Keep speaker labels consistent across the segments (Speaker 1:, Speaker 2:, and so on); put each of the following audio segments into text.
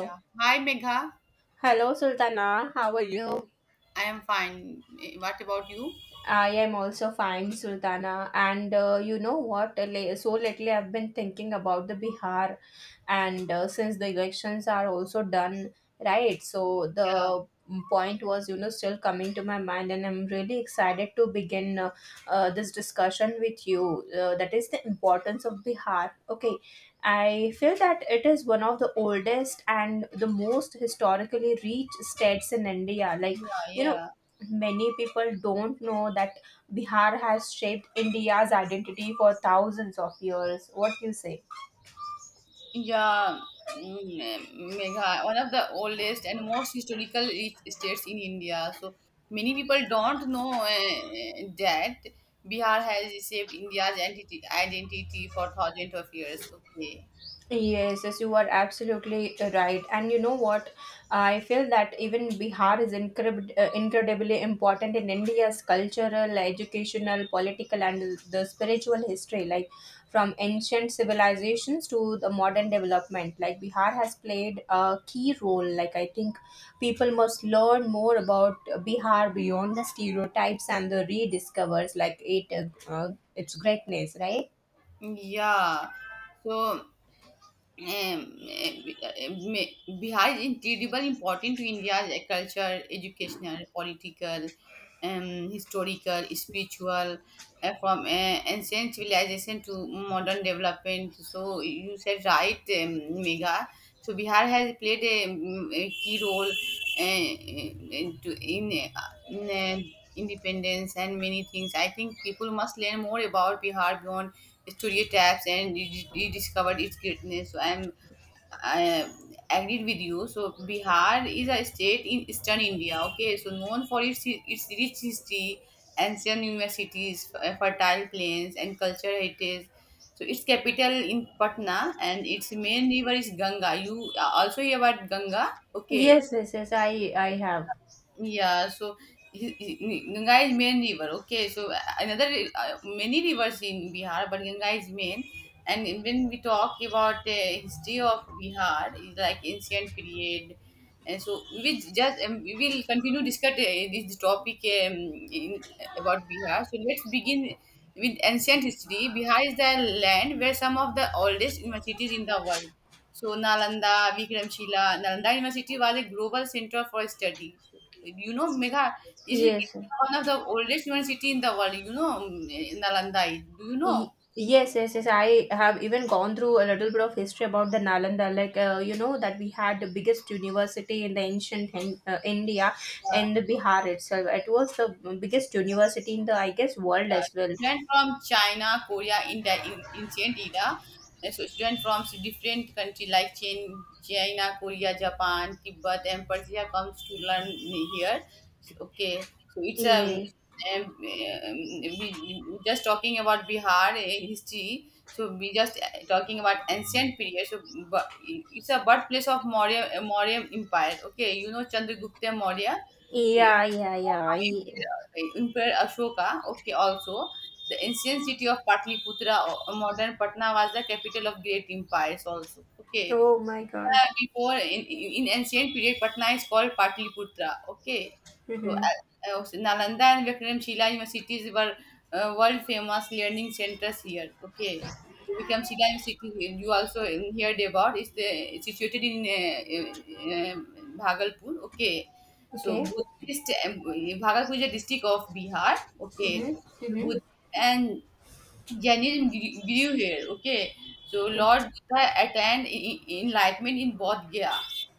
Speaker 1: Yeah. Hi, Megha.
Speaker 2: Hello, Sultana. How are you?
Speaker 1: I am fine. What about you?
Speaker 2: I am also fine, Sultana. And you know what? So lately, I've been thinking about the Bihar, and since the elections are also done, right? So
Speaker 1: Yeah,
Speaker 2: the point was, you know, still coming to my mind, and I'm really excited to begin this discussion with you. That is the importance of Bihar. Okay, I feel that it is one of the oldest and the most historically rich states in India. Like
Speaker 1: yeah,
Speaker 2: you know,
Speaker 1: yeah.
Speaker 2: many people don't know that Bihar has shaped India's identity for thousands of years. What do you say?
Speaker 1: Yeah, mm, eh, Megha, one of the oldest and most historical rich states in India. So many people don't know that Bihar has shaped India's identity for thousands of years. Okay.
Speaker 2: Yes, yes, you are absolutely right. And you know what? I feel that even Bihar is incredibly important in India's cultural, educational, political, and the spiritual history. Like from ancient civilizations to the modern development, like Bihar has played a key role. Like I think people must learn more about Bihar beyond the stereotypes and the rediscovers like it, its greatness, right?
Speaker 1: Yeah. So um, eh, Bihar is incredibly important to India's e, culture, educational, political, historical, spiritual, from ancient civilization to modern development. So you said right, Mega. So Bihar has played a key role uh, in, in, uh, in independence and many things. I think people must learn more about Bihar beyond studio taps and rediscovered its greatness. So I agreed with you. So Bihar is a state in eastern India. Okay, so known for its rich history, ancient universities, fertile plains, and cultural heritage. So its capital in Patna and its main river is Ganga. You also hear about Ganga? Okay,
Speaker 2: Yes, yes, yes. I have.
Speaker 1: yeah, so he- he- Ganga is main river. Okay, so another many rivers in Bihar, but Ganga is main. And when we talk about history of Bihar, is like ancient period, and so we just we will continue discuss this topic in about Bihar. So let's begin with ancient history. Bihar is the land where some of the oldest universities in the world, so Nalanda, Vikramshila. Nalanda University was a global center for study. So, you know, Megha, this is
Speaker 2: Yes.
Speaker 1: it's one of the oldest university in the world. You know, Nalanda. Do you
Speaker 2: Y-
Speaker 1: know?
Speaker 2: Yes, yes, yes. I have even gone through a little bit of history about the Nalanda, like you know that we had the biggest university in the ancient India
Speaker 1: Uh,
Speaker 2: and the Bihar itself. It was the biggest university in the, I guess, world
Speaker 1: yeah,
Speaker 2: as well.
Speaker 1: students from China, Korea, India, in ancient era. And so students from different country like China, Korea, Japan, Tibet, and Persia comes to learn here. So, okay, so it's a
Speaker 2: Yes.
Speaker 1: we just talking about Bihar history. So we just talking about ancient period. So but it's a birthplace of Maurya Empire. Okay, you know Chandragupta Maurya. So
Speaker 2: Yeah, yeah, yeah, yeah.
Speaker 1: Emperor Ashoka, okay, also the ancient city of Patliputra, or modern Patna, was the capital of great empires. Also, okay,
Speaker 2: Oh my God.
Speaker 1: before in ancient period Patna is called Patliputra. Okay, so
Speaker 2: Mm-hmm.
Speaker 1: uh, Nalanda and Vikramshila universities were world famous learning centers here. Okay, so Vikramshila University you also heard about is the situated in Bhagalpur. Okay, so
Speaker 2: Okay.
Speaker 1: buddhist Bhagalpur is a district of Bihar. Okay,
Speaker 2: Mm-hmm. Mm-hmm.
Speaker 1: Buddhist and Jainism grew here. Okay, so Lord Buddha attained enlightenment in Bodh Gaya.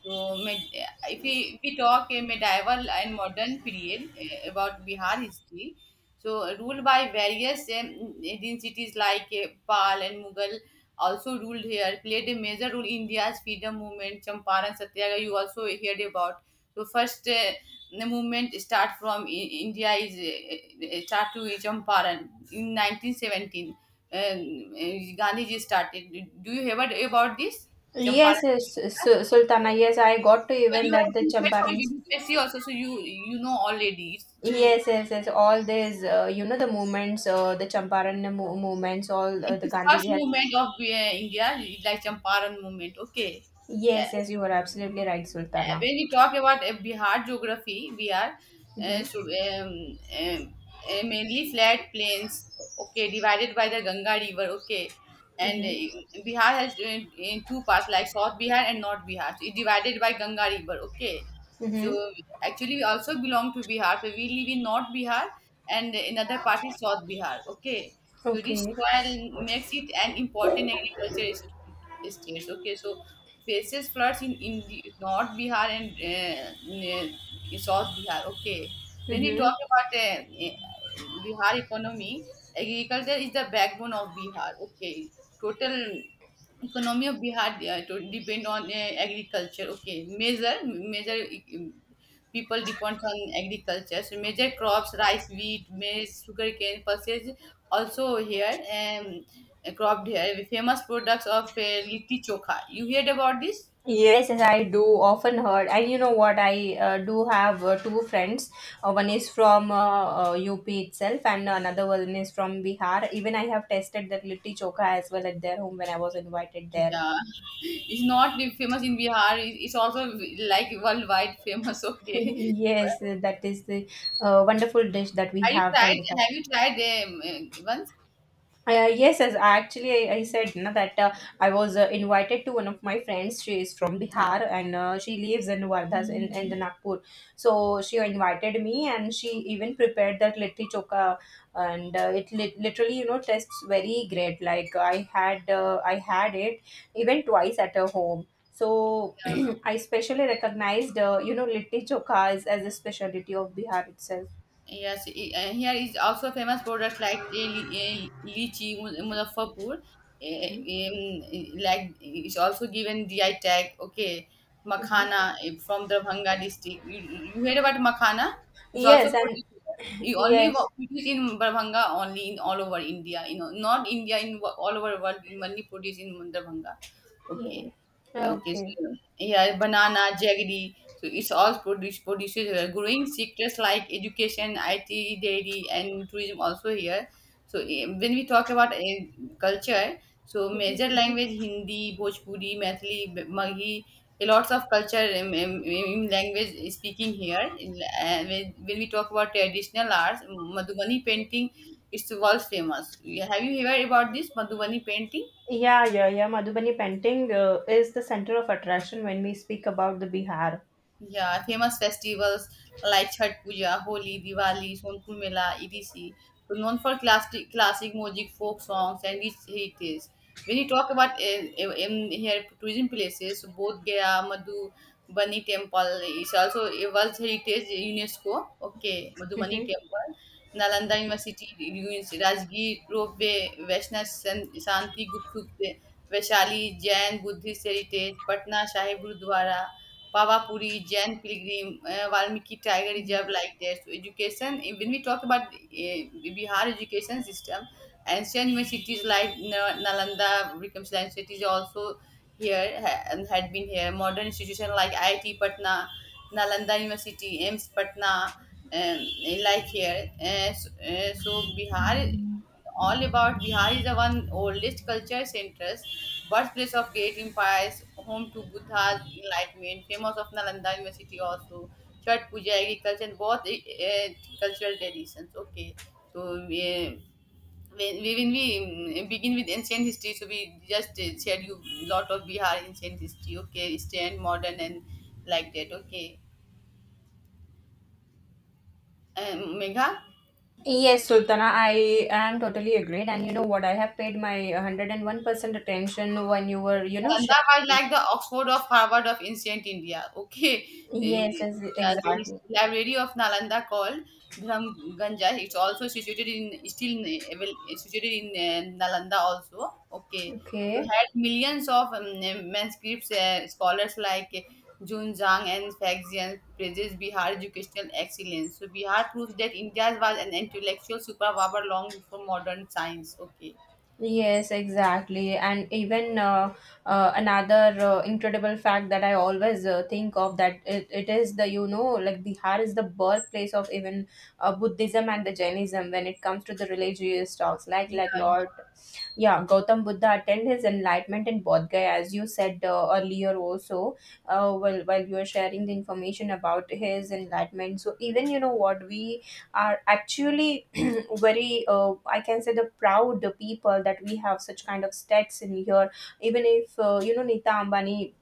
Speaker 1: So, if we talk a medieval and modern period about Bihar history, so ruled by various cities like Pal and Mughal, also ruled here, played a major role in India's freedom movement, Champaran Satyagraha. You also heard about. So first the movement start from India is start to Champaran in 1917. Uh, Gandhiji started. Do you heard about this
Speaker 2: Yes,
Speaker 1: Champaran?
Speaker 2: yes, Sultana. Yes, I got to
Speaker 1: Because
Speaker 2: even
Speaker 1: you
Speaker 2: that
Speaker 1: have
Speaker 2: the
Speaker 1: prepared for
Speaker 2: Champaran.
Speaker 1: UPSC also, so you know already.
Speaker 2: Yes, yes, yes. All these, you know, the movements, the Champaran movements, all the
Speaker 1: It's first
Speaker 2: Gandhiji has.
Speaker 1: movement of India, like Champaran movement. Okay, yeah.
Speaker 2: Yes, yes, you are absolutely right, Sultana.
Speaker 1: When we talk about Bihar geography, we are uh, so
Speaker 2: Mm-hmm.
Speaker 1: um, um, mainly flat plains. Okay, divided by the Ganga River. Okay, and
Speaker 2: Mm-hmm.
Speaker 1: Bihar has in two parts like South Bihar and North Bihar. So it's divided by Ganga River. Okay, so
Speaker 2: Mm-hmm.
Speaker 1: actually we also belong to Bihar. So we live in North Bihar and another part is South Bihar. Okay, so this
Speaker 2: Okay.
Speaker 1: soil makes it an important agriculture states. Okay, so faces floods in the North Bihar and South Bihar. Okay. When we
Speaker 2: Mm-hmm.
Speaker 1: talk about Bihar economy, agriculture is the backbone of Bihar. Okay. Total economy of Bihar to depend on agriculture. Okay. Major, people depends on agriculture. So major crops, rice, wheat, maize, sugarcane, pulses also here. Cropped hair, with famous products of litti chokha. You heard about this?
Speaker 2: Yes, yes, I do often heard, and you know what? I do have two friends. One is from UP itself, and another one is from Bihar. Even I have tasted that litti choka as well at their home when I was invited there.
Speaker 1: Yeah, it's not famous in Bihar. It's also like worldwide famous. Okay,
Speaker 2: Yes, that is the wonderful dish that we
Speaker 1: have you
Speaker 2: have from
Speaker 1: tried?
Speaker 2: the
Speaker 1: Have you tried once?
Speaker 2: yes, as actually I said, you know, that I was invited to one of my friends. She is from Bihar and she lives in Wardha in the Nagpur. So she invited me and she even prepared that litti choka and it lit literally, you know, tastes very great. Like I had it even twice at her home. So I specially recognized you know, litti choka as a specialty of Bihar itself.
Speaker 1: Yes, here is also famous products like lychee, Muzaffarpur.
Speaker 2: Mhm.
Speaker 1: Like it's also given GI tag. Okay,
Speaker 2: Mhm.
Speaker 1: makhana from Darbhanga district. You heard about makhana? It's also
Speaker 2: Yes, and
Speaker 1: produced here. You only
Speaker 2: yes.
Speaker 1: produce in Darbhanga, only in all over India. You know, not India in all over world. You only produce in Darbhanga.
Speaker 2: Yeah.
Speaker 1: Okay, okay. So,
Speaker 2: Okay.
Speaker 1: yeah, banana, jaggery. So it's all produces growing sectors like education, IT, dairy, and tourism also here. So when we talk about culture, so major language Hindi, Bhojpuri, Mathili, Maghi, a lots of culture in language speaking here. When we talk about traditional arts, Madhubani painting is world famous. Yeah, have you heard about this Madhubani painting?
Speaker 2: Yeah, yeah, yeah. Madhubani painting is the center of attraction when we speak about the Bihar.
Speaker 1: Yeah, famous festivals like Chhath Puja, Holi, Diwali, Sonpur Mela, etc. So known for classic music, folk songs, and its heritage. When you talk about in here tourism places, so both Gaya, Madhu, Bani Temple is also a World Heritage UNESCO. Okay, Madhubani Temple, Nalanda University ruins, Rajgir Ropeway, Shanti Gupt Vaishali Jain Buddhist Heritage, Patna Sahib Gurudwara. Pavapuri, Jain Pilgrim, Valmiki Tiger Reserve, like that. So education, when we talk about Bihar education system, ancient universities like Nalanda, Vikramshila Institute is also here and had been here. Modern institutions like IIT Patna, Nalanda University, AIMS Patna, um, like here. So, so Bihar. All about Bihar is the one oldest culture centers, birthplace of great empires, home to Buddha's enlightenment, famous of Nalanda University also, Chhat Puja, agriculture, and both cultural traditions. Okay, so when we begin with ancient history, so we just shared you lot of Bihar ancient history. Okay, Eastern, modern, and like that. Okay, Megha.
Speaker 2: Yes, Sultana, I am totally agreed. And you know what? I have paid my 101% attention when you were, you know, sharing.
Speaker 1: Gandhar was like the Oxford of Harvard of ancient India. Okay.
Speaker 2: Yes,
Speaker 1: Eh,
Speaker 2: yes,
Speaker 1: yeah, so his
Speaker 2: exactly.
Speaker 1: library of Nalanda called Dharamganja. It's also situated in still in it's situated in Nalanda also. Okay. So
Speaker 2: Okay.
Speaker 1: had millions of manuscripts, scholars like Jun Zhang and Faxian praises Bihar educational excellence. So Bihar proves that India was an intellectual superpower long before modern science. Okay.
Speaker 2: Yes, exactly. And even another incredible fact that I always think of that it is the, you know, like Bihar is the birthplace of even Buddhism and the Jainism when it comes to the religious talks. Like Lord, yeah, Gautam Buddha attained his enlightenment in Bodh Gaya, as you said earlier also, while you were sharing the information about his enlightenment. So even, you know, what we are actually very I can say the proud people that we have such kind of stats in here, even if you know, Nita Ambani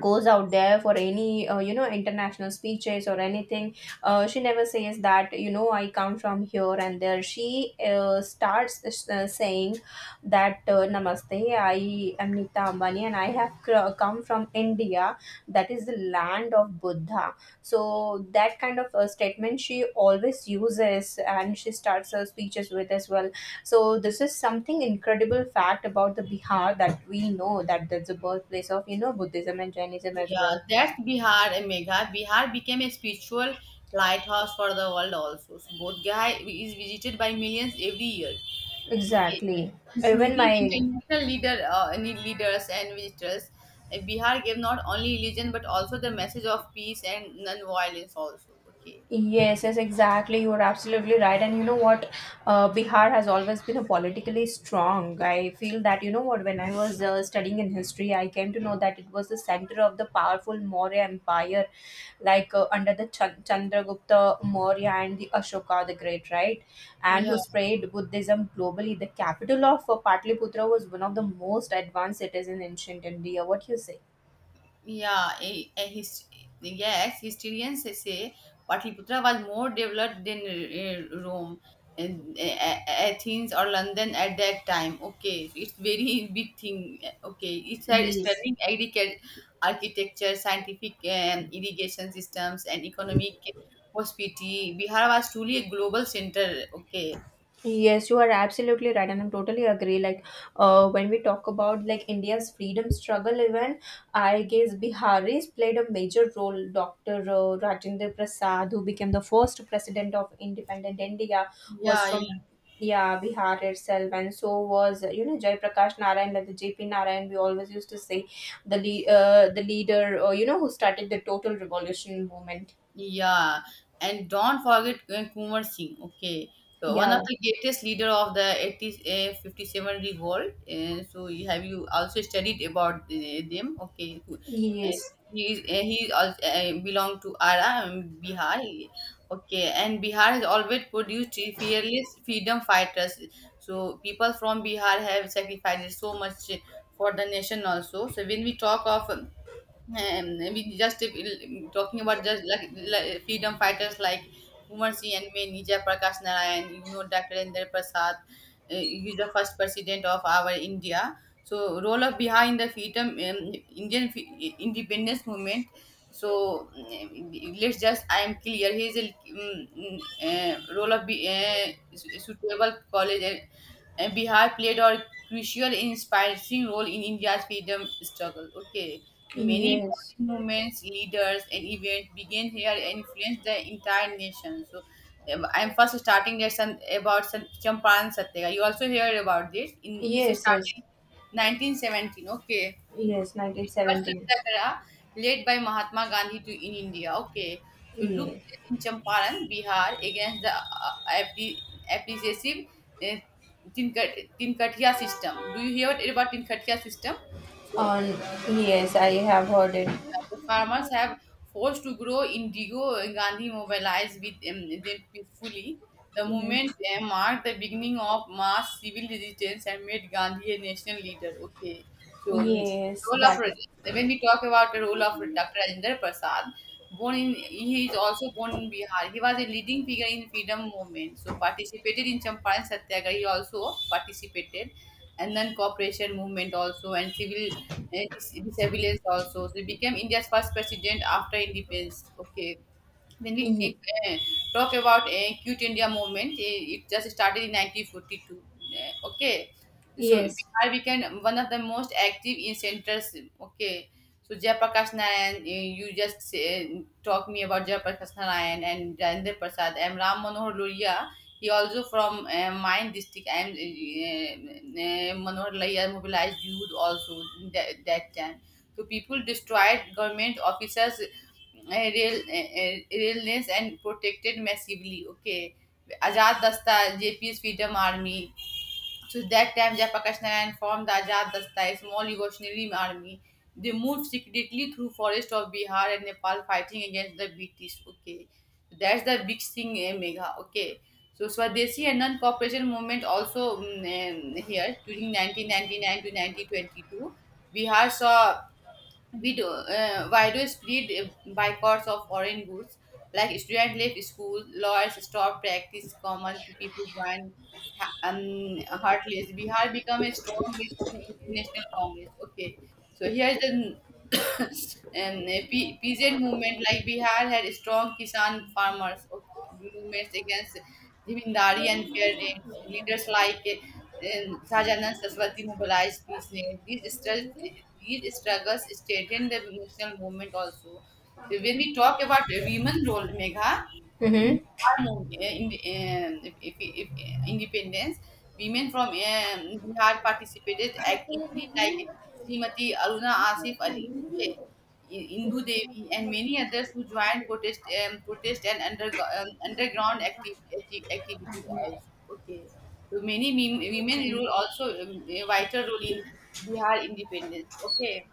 Speaker 2: goes out there for any you know, international speeches or anything. She never says that you know, I come from here and there. She starts saying that namaste, I am Nita Ambani and I have come from India, that is the land of Buddha. So that kind of a statement she always uses, and she starts her speeches with as well. So this is something incredible fact about the Bihar that we know, that that's the birthplace of, you know, Buddhism and Jainism as
Speaker 1: Yeah,
Speaker 2: well.
Speaker 1: that's Bihar and Megha. Bihar became a spiritual lighthouse for the world also. So Bodh Gaya is visited by millions every year. Okay,
Speaker 2: Exactly. Even
Speaker 1: including
Speaker 2: my
Speaker 1: international leader, need leaders and visitors. Bihar gave not only religion but also the message of peace and non-violence also. Okay.
Speaker 2: yes, yes, exactly. You're absolutely right. And you know what? Bihar has always been a politically strong. I feel that, you know what, when I was studying in history, I came to know that it was the center of the powerful Maurya Empire, like under the Chandragupta Maurya and the Ashoka the Great, right? And
Speaker 1: Yeah.
Speaker 2: who spread Buddhism globally. The capital of Patliputra was one of the most advanced cities in ancient India. What do you say?
Speaker 1: Yeah, a, a hist- yes, historians say Patliputra was more developed than Rome, and Athens or London at that time. Okay, it's very big thing. Okay, it had
Speaker 2: Yes,
Speaker 1: stunning agriculture, architecture, scientific irrigation systems, and economic prosperity. Bihar was truly a global center. Okay.
Speaker 2: yes, you are absolutely right, and I'm totally agree. Like, when we talk about like India's freedom struggle event, I guess Biharis played a major role. Doctor Rajendra Prasad, who became the first president of independent India, was
Speaker 1: Yeah,
Speaker 2: from, yeah, Bihar itself, and so was, you know, Jai Prakash Narayan, like the JP Narayan. We always used to say the leader, you know, who started the total revolution movement.
Speaker 1: yeah, and don't forget Kumar Singh. Okay, so one of
Speaker 2: Yeah.
Speaker 1: the greatest leader of the '80s, 57 revolt. So have you also studied about them? Okay, uh,
Speaker 2: Yes.
Speaker 1: he is he also, belong to Ara, Bihar. Okay, and Bihar has always produced fearless freedom fighters. So people from Bihar have sacrificed so much for the nation also. So when we talk of we just if, talking about just like freedom fighters like Kumar Singh and me, Nija Prakash Narayan, you know, Dr. Indra Prasad, he's the first president of our India. So role of Bihar in the freedom Indian independence movement. So let's just I am clear. He is a role of suitable college. And Bihar played a crucial, inspiring role in India's freedom struggle. Okay. So many
Speaker 2: Yes.
Speaker 1: important movements, leaders, and events began here and influenced the entire nation. So I'm first starting at some about some Champaran Satyagraha. You also hear about this. In it's
Speaker 2: Yes. Yes.
Speaker 1: started 1917. Okay,
Speaker 2: Yes,
Speaker 1: it's first
Speaker 2: 1917.
Speaker 1: Satyagraha led by Mahatma Gandhi to in India. Okay, so look
Speaker 2: Yes.
Speaker 1: in Champaran, Bihar, against the appre- appreciative uh, Tinkatia system. Do you hear about Tinkatia system? So
Speaker 2: On yes, I have heard it.
Speaker 1: the farmers have forced to grow indigo. Gandhi mobilized with them peacefully. The
Speaker 2: Hmm.
Speaker 1: movement marked the beginning of mass civil resistance and made Gandhi a national leader. Okay, so
Speaker 2: Yes,
Speaker 1: role of
Speaker 2: that is.
Speaker 1: when we talk about the role of Dr. Rajendra Prasad, born in he is also born in Bihar. He was a leading figure in freedom movement. So participated in Champaran Satyagraha. He also participated and then cooperation movement also and civil and disabilities also. So he became India's first president after independence. Okay, When we
Speaker 2: Ye-
Speaker 1: take, uh, talk about Quit India movement, it just started in 1942. Okay, so
Speaker 2: yes.
Speaker 1: Bihar became one of the most active in centers. Okay, so Jayaprakash Narayan, you just say, talk me about Jayaprakash Narayan and Rajendra Prasad. I'm Ram Manohar Loria. He also from mine district. I'm Manohar Loria mobilized youth also in that time. So people destroyed government officers rail रेलनेस and protected massively okay Azad Dasta JP's freedom army. So that time Jayaprakash Narayan formed the Azad Dasta, a small revolutionary army. They moved secretly through forest of Bihar and Nepal, fighting against the British. Okay, so that's the big thing, Mega, okay. So Swadeshi and non cooperation movement also, here during 1999 to 1922 Bihar saw we do widows plead boycotts of foreign goods, like students left school, lawyers stop practice, common people join. Heartless Bihar become a strong base of the international congress. Okay, so here's the and PZ movement, like Bihar had strong Kisan farmers movements against zamindari and fair rains. Leaders like Sajanand Saswati mobilized peace. Name. These struggles strengthened the national movement also. So when we talk about women role, Megha, in
Speaker 2: Mm-hmm.
Speaker 1: Bihar, the, if, independence, women from Bihar participated actively, like Srimati Aruna Asif Ali, okay, Indu Devi, and many others who joined protest, protest and under, underground activities also. Okay, so many women role also a vital role in Bihar independence. Okay.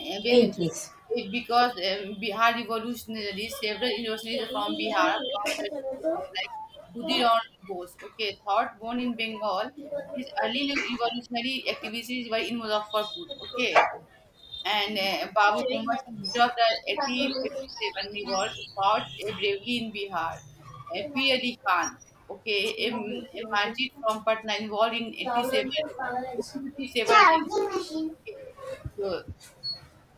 Speaker 1: When
Speaker 2: Yes.
Speaker 1: because Bihar revolutionary, several universities from Bihar founded like Khudiram Bose, okay, thought born in Bengal, his early revolutionary activities were in Muzaffarpur, okay, and Babu Kumar's leader of the 1857 revolt fought bravely in Bihar. P. Ali Khan, okay, a martyr from Patna involved in 87, 1857 in, okay, so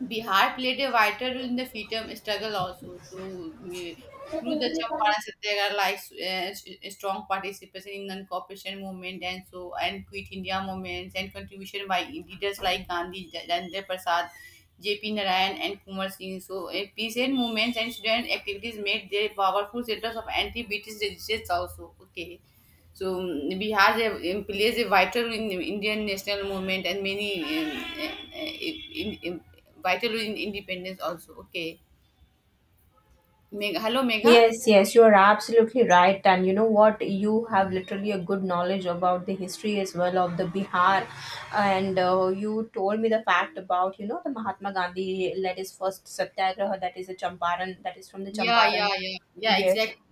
Speaker 1: Bihar played a vital role in the freedom struggle also. So, through the Champaran Satyagraha, like strong participation in non-cooperation movement and so and Quit India movements and contribution by leaders like Gandhi, Jandar Prasad, J.P. Narayan and Kumar Singh. So, peace and movements and student activities made their powerful centers of anti-British resistance also. Okay. So Bihar plays a vital role in Indian national movement and many uh, uh, in, in, vital role in independence also. Okay, Meg, hello Megha.
Speaker 2: Yes, yes, you are absolutely right. And you know what? You have literally a good knowledge about the history as well of the Bihar. And you told me the fact about, you know, the Mahatma Gandhi led his first satyagraha, that is the Champaran, that is from the
Speaker 1: Yeah, yeah,
Speaker 2: Champaran.
Speaker 1: yeah, yeah.
Speaker 2: Yes.
Speaker 1: Exactly.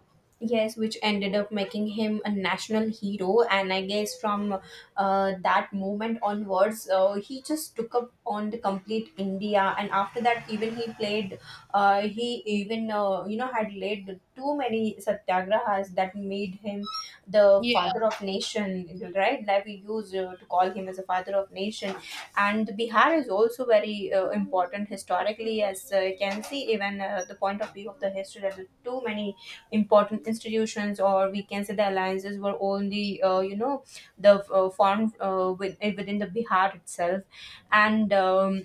Speaker 2: Yes, which ended up making him a national hero. And I guess from that moment onwards, he just took up on the complete India. And after that, even he played he even you know, had led too many satyagrahas that made him the father
Speaker 1: Yeah,
Speaker 2: of nation, right? Like we use to call him as a father of nation. And Bihar is also very important historically, as you can see even the point of view of the history. There too many important institutions, or we can say the alliances were only you know, the formed within the Bihar itself, and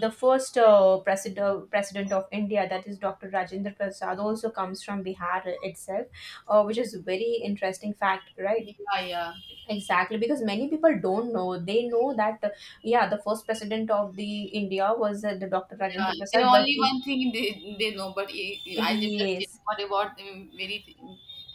Speaker 2: the first president of India, that is Dr. Rajendra Prasad, also comes from Bihar itself, which is very interesting fact, right?
Speaker 1: yeah, yeah.
Speaker 2: Exactly, because many people don't know. They know that, yeah, the first president of the India was the Dr.
Speaker 1: Yeah,
Speaker 2: Rajendra
Speaker 1: they
Speaker 2: Prasad, but
Speaker 1: only
Speaker 2: if
Speaker 1: one thing they know, but I am just
Speaker 2: he
Speaker 1: telling what about very th-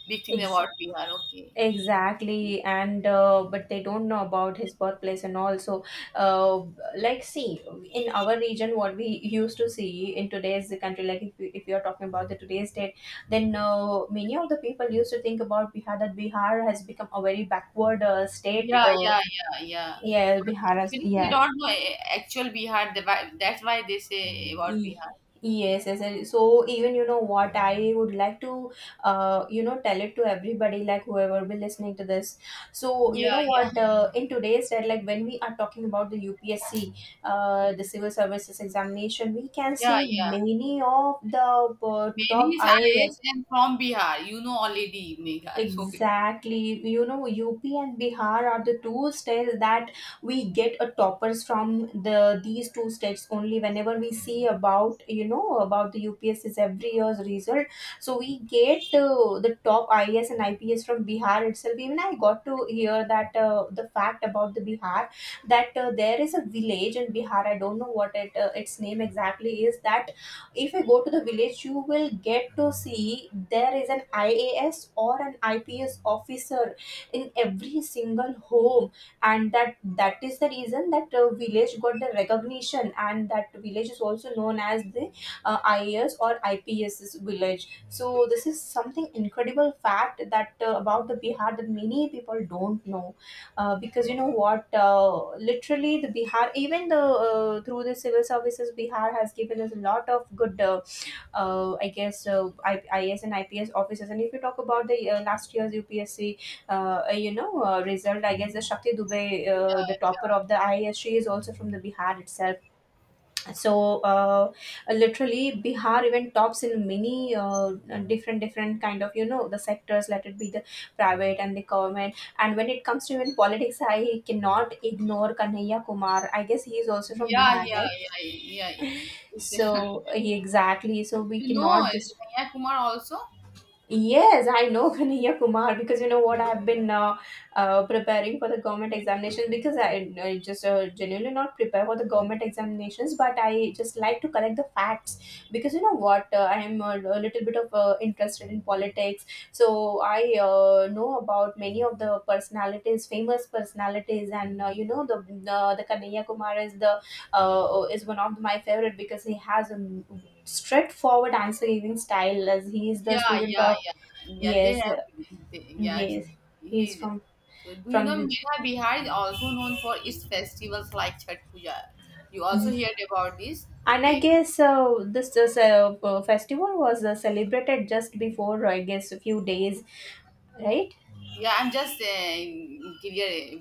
Speaker 1: big thing
Speaker 2: is.
Speaker 1: about Bihar. Okay.
Speaker 2: Exactly, and but they don't know about his birthplace and all. So, uh, like, see, in our region, what we used to see in today's country, like, if, if you're talking about the today's date, then many of the people used to think about Bihar that Bihar has become a very backward state.
Speaker 1: Yeah, yeah, yeah, yeah.
Speaker 2: Yeah,
Speaker 1: But
Speaker 2: Bihar has,
Speaker 1: actually, they
Speaker 2: yeah.
Speaker 1: don't know actual Bihar. The that's why they say about
Speaker 2: Ye-
Speaker 1: Bihar. Yeah.
Speaker 2: yes, yes. And so even you know what I would like to, you know, tell it to everybody, like whoever be listening to this. So you know
Speaker 1: Yeah,
Speaker 2: what,
Speaker 1: yeah.
Speaker 2: in today's that like when we are talking about the UPSC, the Civil Services Examination, we can
Speaker 1: Yeah,
Speaker 2: see
Speaker 1: yeah.
Speaker 2: many of the top
Speaker 1: Mehndi is IS
Speaker 2: IAS.
Speaker 1: and from Bihar. You know already, Megha. So
Speaker 2: Exactly. You know, UP and Bihar are the two states that we get a toppers from the these two states only whenever we see about, you know, about the UPSC's every year's result. So we get the top IAS and IPS from Bihar itself. Even I got to hear that the fact about the Bihar that there is a village in Bihar. I don't know what it its name exactly is. That If you go to the village, you will get to see there is an ias or an ips officer in every single home. And that is the reason that village got the recognition, and that village is also known as the ias or ips village. So this is something incredible fact that about the bihar that many people don't know, because you know what, literally the bihar even the through the civil services, bihar has given us a lot of good IAS and ips officers. And if you talk about the last year's upsc result, I guess the shakti dubey, the topper of the ias, she is also from the bihar itself. so uh, Literally bihar even tops in many different different kind of you know the sectors, let it be the private and the government. And when it comes to even politics, I cannot ignore kanhaiya kumar. I guess he is also from
Speaker 1: yeah,
Speaker 2: bihar,
Speaker 1: yeah,
Speaker 2: right?
Speaker 1: yeah, yeah. It's,
Speaker 2: So yeah, exactly, so we
Speaker 1: you know
Speaker 2: cannot just.
Speaker 1: Kanhaiya Kumar also?
Speaker 2: Yes, I know Kanhaiya Kumar, because you know what, I've been preparing for the government examination. Because I just genuinely not prepare for the government examinations, but I just like to collect the facts, because you know what, I am a little bit of interested in politics, so I know about many of the personalities, famous personalities. And you know the Kanhaiya Kumar is the is one of my favorite, because he has a straightforward answer giving style, as he is the
Speaker 1: Yeah,
Speaker 2: student
Speaker 1: yeah,
Speaker 2: of.
Speaker 1: yeah. Yeah, they
Speaker 2: Yes,
Speaker 1: have they, yeah,
Speaker 2: yes, he's
Speaker 1: he
Speaker 2: from
Speaker 1: so do you
Speaker 2: from
Speaker 1: know
Speaker 2: the.
Speaker 1: Megha Bihar is also known for its festivals like Chhat Puja. You also heard about this?
Speaker 2: And I
Speaker 1: Okay.
Speaker 2: guess this festival was celebrated just before I guess a few days, right?
Speaker 1: Yeah, I'm just clear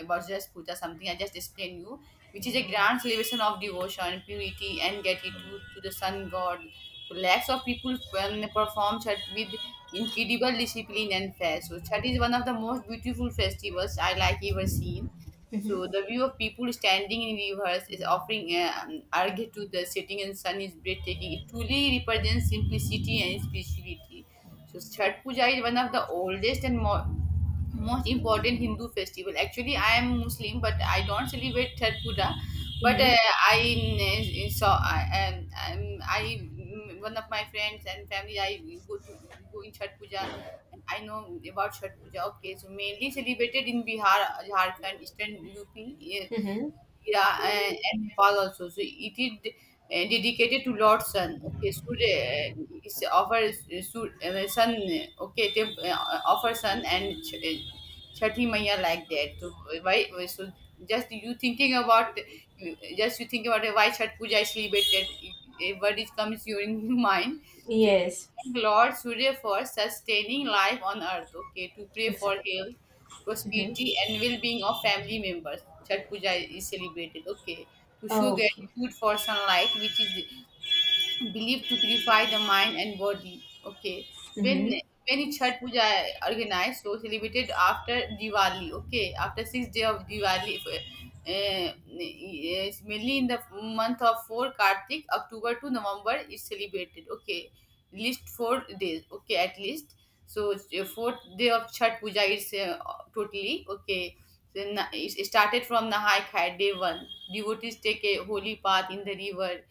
Speaker 1: about just puja something I just explained you, which is a grand celebration of devotion, purity, and gratitude to the sun god. So lakhs of people perform Chhat with incredible discipline and faith. So Chhat is one of the most beautiful festivals I like ever seen.
Speaker 2: Mm-hmm.
Speaker 1: So the view of people standing in rivers is offering argh to the setting and sun is breathtaking. It truly represents simplicity and spirituality. So Chhath Puja is one of the oldest and more most important Hindu festival. Actually, I am Muslim, but I don't celebrate Chhath Puja. But
Speaker 2: Mm-hmm.
Speaker 1: I saw one of my friends and family I go to go in Chhath Puja. And I know about Chhath Puja. Okay, so mainly celebrated in Bihar, Jharkhand, Eastern UP,
Speaker 2: Mm-hmm.
Speaker 1: yeah, and Nepal also. So it is dedicated to Lord Sun. Okay, Surya is offer well, Sun. Okay, they uh, offer Sun and Chhathi Maiya like that. So why? So just you thinking about just you thinking about why Chhat Puja is celebrated. A word is comes during mind. So to
Speaker 2: Yes,
Speaker 1: thank Lord Surya for sustaining life on earth. Okay, to pray for
Speaker 2: exactly.
Speaker 1: health
Speaker 2: Mm-hmm.
Speaker 1: prosperity and well-being of family members. Chhat Puja is celebrated. Okay, to show
Speaker 2: Okay.
Speaker 1: gratitude for sunlight, which is believed to purify the mind and body. Okay. When
Speaker 2: Mm-hmm.
Speaker 1: when Chhat Puja organized, so celebrated after Diwali. Okay, after 6 day of Diwali, mainly in the month of four Kartik, October to November is celebrated. Okay, least 4 days. Okay, at least. So fourth day of Chhat Puja is totally okay. So, it started from Nahai Khai, day one. Devotees take a holy path in the river,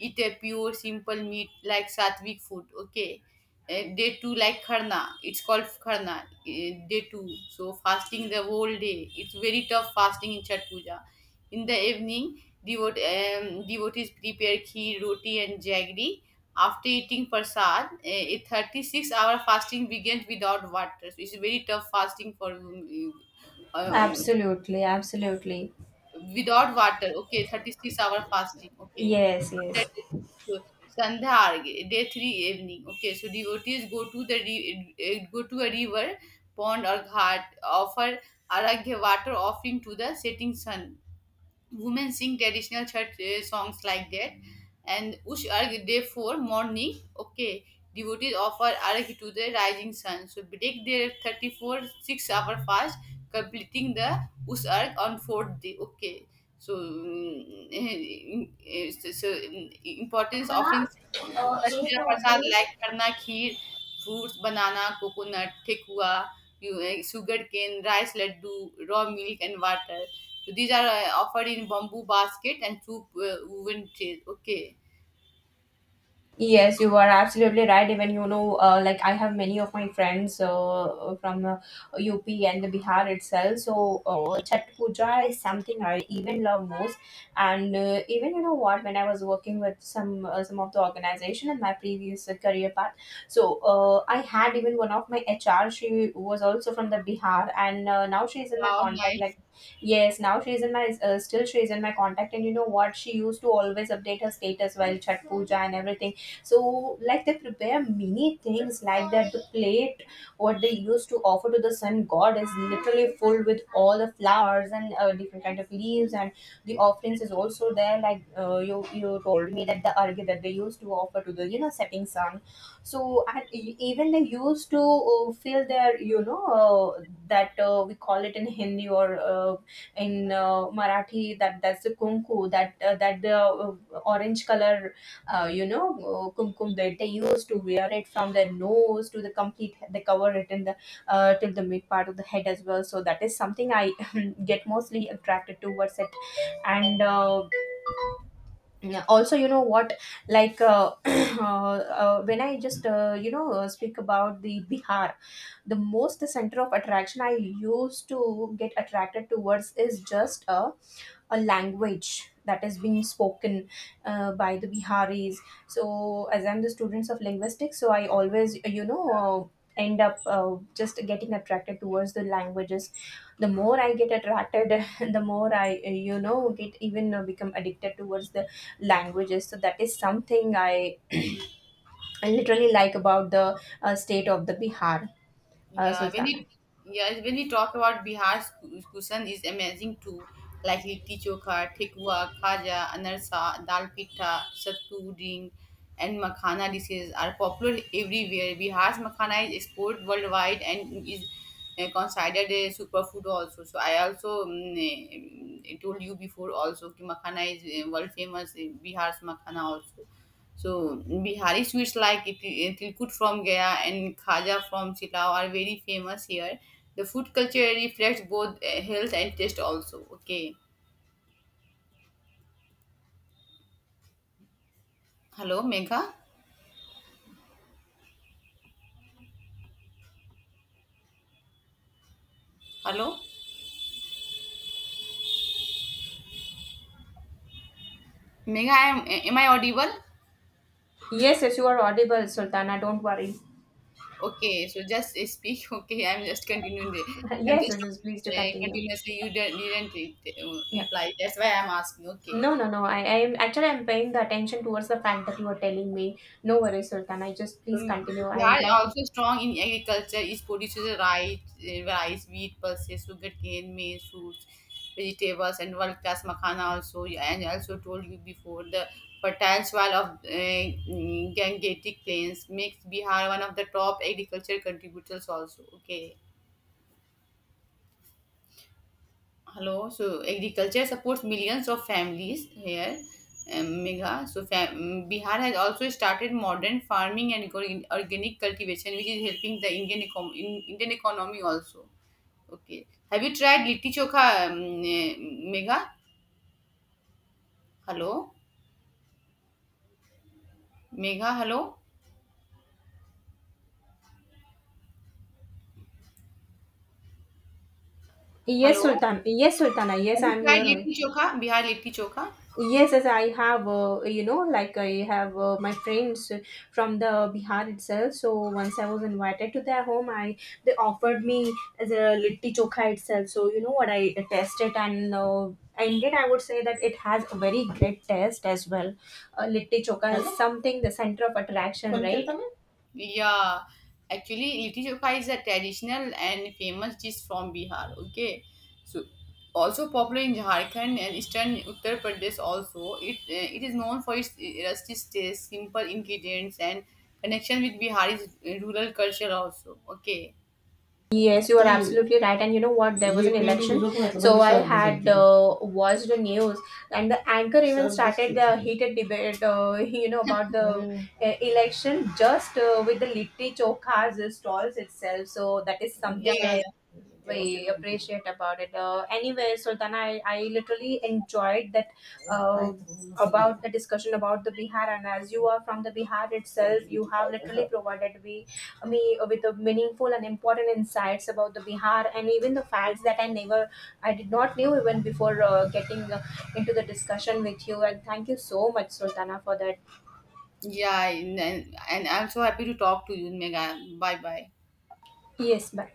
Speaker 1: eat a pure simple meat like sattvic food, okay. Day two like kharna, it's called kharna, day two, so fasting the whole day. It's very tough fasting in chat puja. In the evening devotees prepare kheer, roti and jaggery. After eating prasad, a 36-hour fasting begins without water, so it's very tough fasting for um,
Speaker 2: Absolutely, absolutely.
Speaker 1: without water, okay, 36-hour fasting, okay.
Speaker 2: Yes,
Speaker 1: That
Speaker 2: yes.
Speaker 1: is so, Sandhya Argya, day three evening, okay. So devotees go to the go to a river, pond or ghat, offer aragya water offering to the setting sun. Women sing traditional church songs like that. And ush arg day 4 morning, okay, devotees offer arg to the rising sun, so break their 34 6 hour fast, completing the ush arg on fourth day, okay. So, so, importance offering Chhath puja prasad like करना kheer fruits banana coconut thekua sugarcane rice laddu raw milk and water. So these are offered in bamboo basket and two woven chairs. Okay.
Speaker 2: Yes, you are absolutely right. Even you know, like I have many of my friends from UP and the Bihar itself. So Chhat Puja is something I even love most. And even you know what, when I was working with some of the organization in my previous career path, so I had even one of my HR. She was also from the Bihar, and now she is in my
Speaker 1: Wow,
Speaker 2: contact.
Speaker 1: nice.
Speaker 2: Like yes, now she is in my still she is in my contact. And you know what, she used to always update her status while Chhat Puja and everything. So like they prepare many things, like that the plate what they used to offer to the sun god is literally full with all the flowers and different kind of leaves. And the offerings is also there, like you told me that the argya that they used to offer to the you know setting sun. So and even they used to fill their you know that we call it in hindi or uh, in marathi that that's the kunku that that the uh, orange color you know kumkum that they used to wear it from their nose to the complete, they cover it in the till the mid part of the head as well. So that is something I get mostly attracted towards it. And yeah, also you know what, like when I just speak about the bihar, the most center of attraction I used to get attracted towards is just a language that is being spoken by the Biharis. So, as I'm the students of linguistics, so I always, you know, end up just getting attracted towards the languages. The more I get attracted, the more I, get even become addicted towards the languages. So that is something I literally like about the state of the Bihar,
Speaker 1: Yeah, when
Speaker 2: Sultana.
Speaker 1: we yeah, when we talk about Bihar's cuisine is amazing too, like litti chokha, tikwa, khaja, anarsa, dal pitta, sattu ding, and makhana dishes are popular everywhere. Bihar's makhana is exported worldwide and is considered a superfood also. So I also told you before also ki makhana is world famous, Bihar's makhana also. So Bihari sweets like Tilkut from Gaya and Khaja from Silao are very famous here. The food culture reflects both health and taste also. Okay. Hello, Megha. Hello, Megha. I am am I audible?
Speaker 2: Yes, yes, you are audible, Sultana. Don't worry.
Speaker 1: Okay. So just speak. Okay. I'm just continuing. The I'm
Speaker 2: Yes,
Speaker 1: just
Speaker 2: yes, yes,
Speaker 1: talking
Speaker 2: please do continue.
Speaker 1: continuously. You didn't
Speaker 2: Yeah.
Speaker 1: reply. That's why I'm asking. Okay.
Speaker 2: No, no, no. I am actually I'm paying the attention towards the fact that you are telling me. No worries, Sultana. I just please continue. I would
Speaker 1: Bihar
Speaker 2: like to.
Speaker 1: also strong in agriculture. It produces rice, wheat, pulses, sugarcane, maize, fruits, vegetables, and world class makhana also. Yeah, and I also told you before the fertile soil of Gangetic plains makes Bihar one of the top agriculture contributors also. Okay. Hello. So agriculture supports millions of families here. Megha. So Bihar has also started modern farming and organic cultivation, which is helping the Indian economy also. Okay. Have you tried litti chokha, um, eh, Megha? Hello, Megha. Hello,
Speaker 2: Yes,
Speaker 1: hello.
Speaker 2: Sultan. Yes, Sultana. Yes,
Speaker 1: Have you
Speaker 2: I'm here
Speaker 1: tried
Speaker 2: only.
Speaker 1: litti chokha? Bihar litti chokha.
Speaker 2: Yes, yes, I have, you know, like I have my friends from the Bihar itself. So once I was invited to their home, I they offered me as a litti chokha itself. So you know what, I tested and indeed I would say that it has a very great taste as well. Litti chokha is something the center of attraction, right?
Speaker 1: Yeah, actually, litti chokha is a traditional and famous dish from Bihar. Okay, so also popular in Jharkhand and eastern Uttar Pradesh. Also, it it is known for its rustic taste, simple ingredients, and connection with Bihari's rural culture. Also, okay.
Speaker 2: Yes, you are absolutely right. And you know what? There was an election. So I had watched the news, and the anchor even started the heated debate, you know, about the election just with the litti chokhas stalls itself. So that is
Speaker 1: Yeah,
Speaker 2: something very
Speaker 1: yeah,
Speaker 2: we appreciate about it. Anyway, Sultana, I literally enjoyed that uh, about the discussion about the Bihar. And as you are from the Bihar itself, you have literally provided me with a meaningful and important insights about the Bihar, and even the facts that I did not knew even before getting into the discussion with you. And thank you so much, Sultana, for that.
Speaker 1: yeah, and I'm so happy to talk to you, Mega. Bye, bye.
Speaker 2: Yes, bye.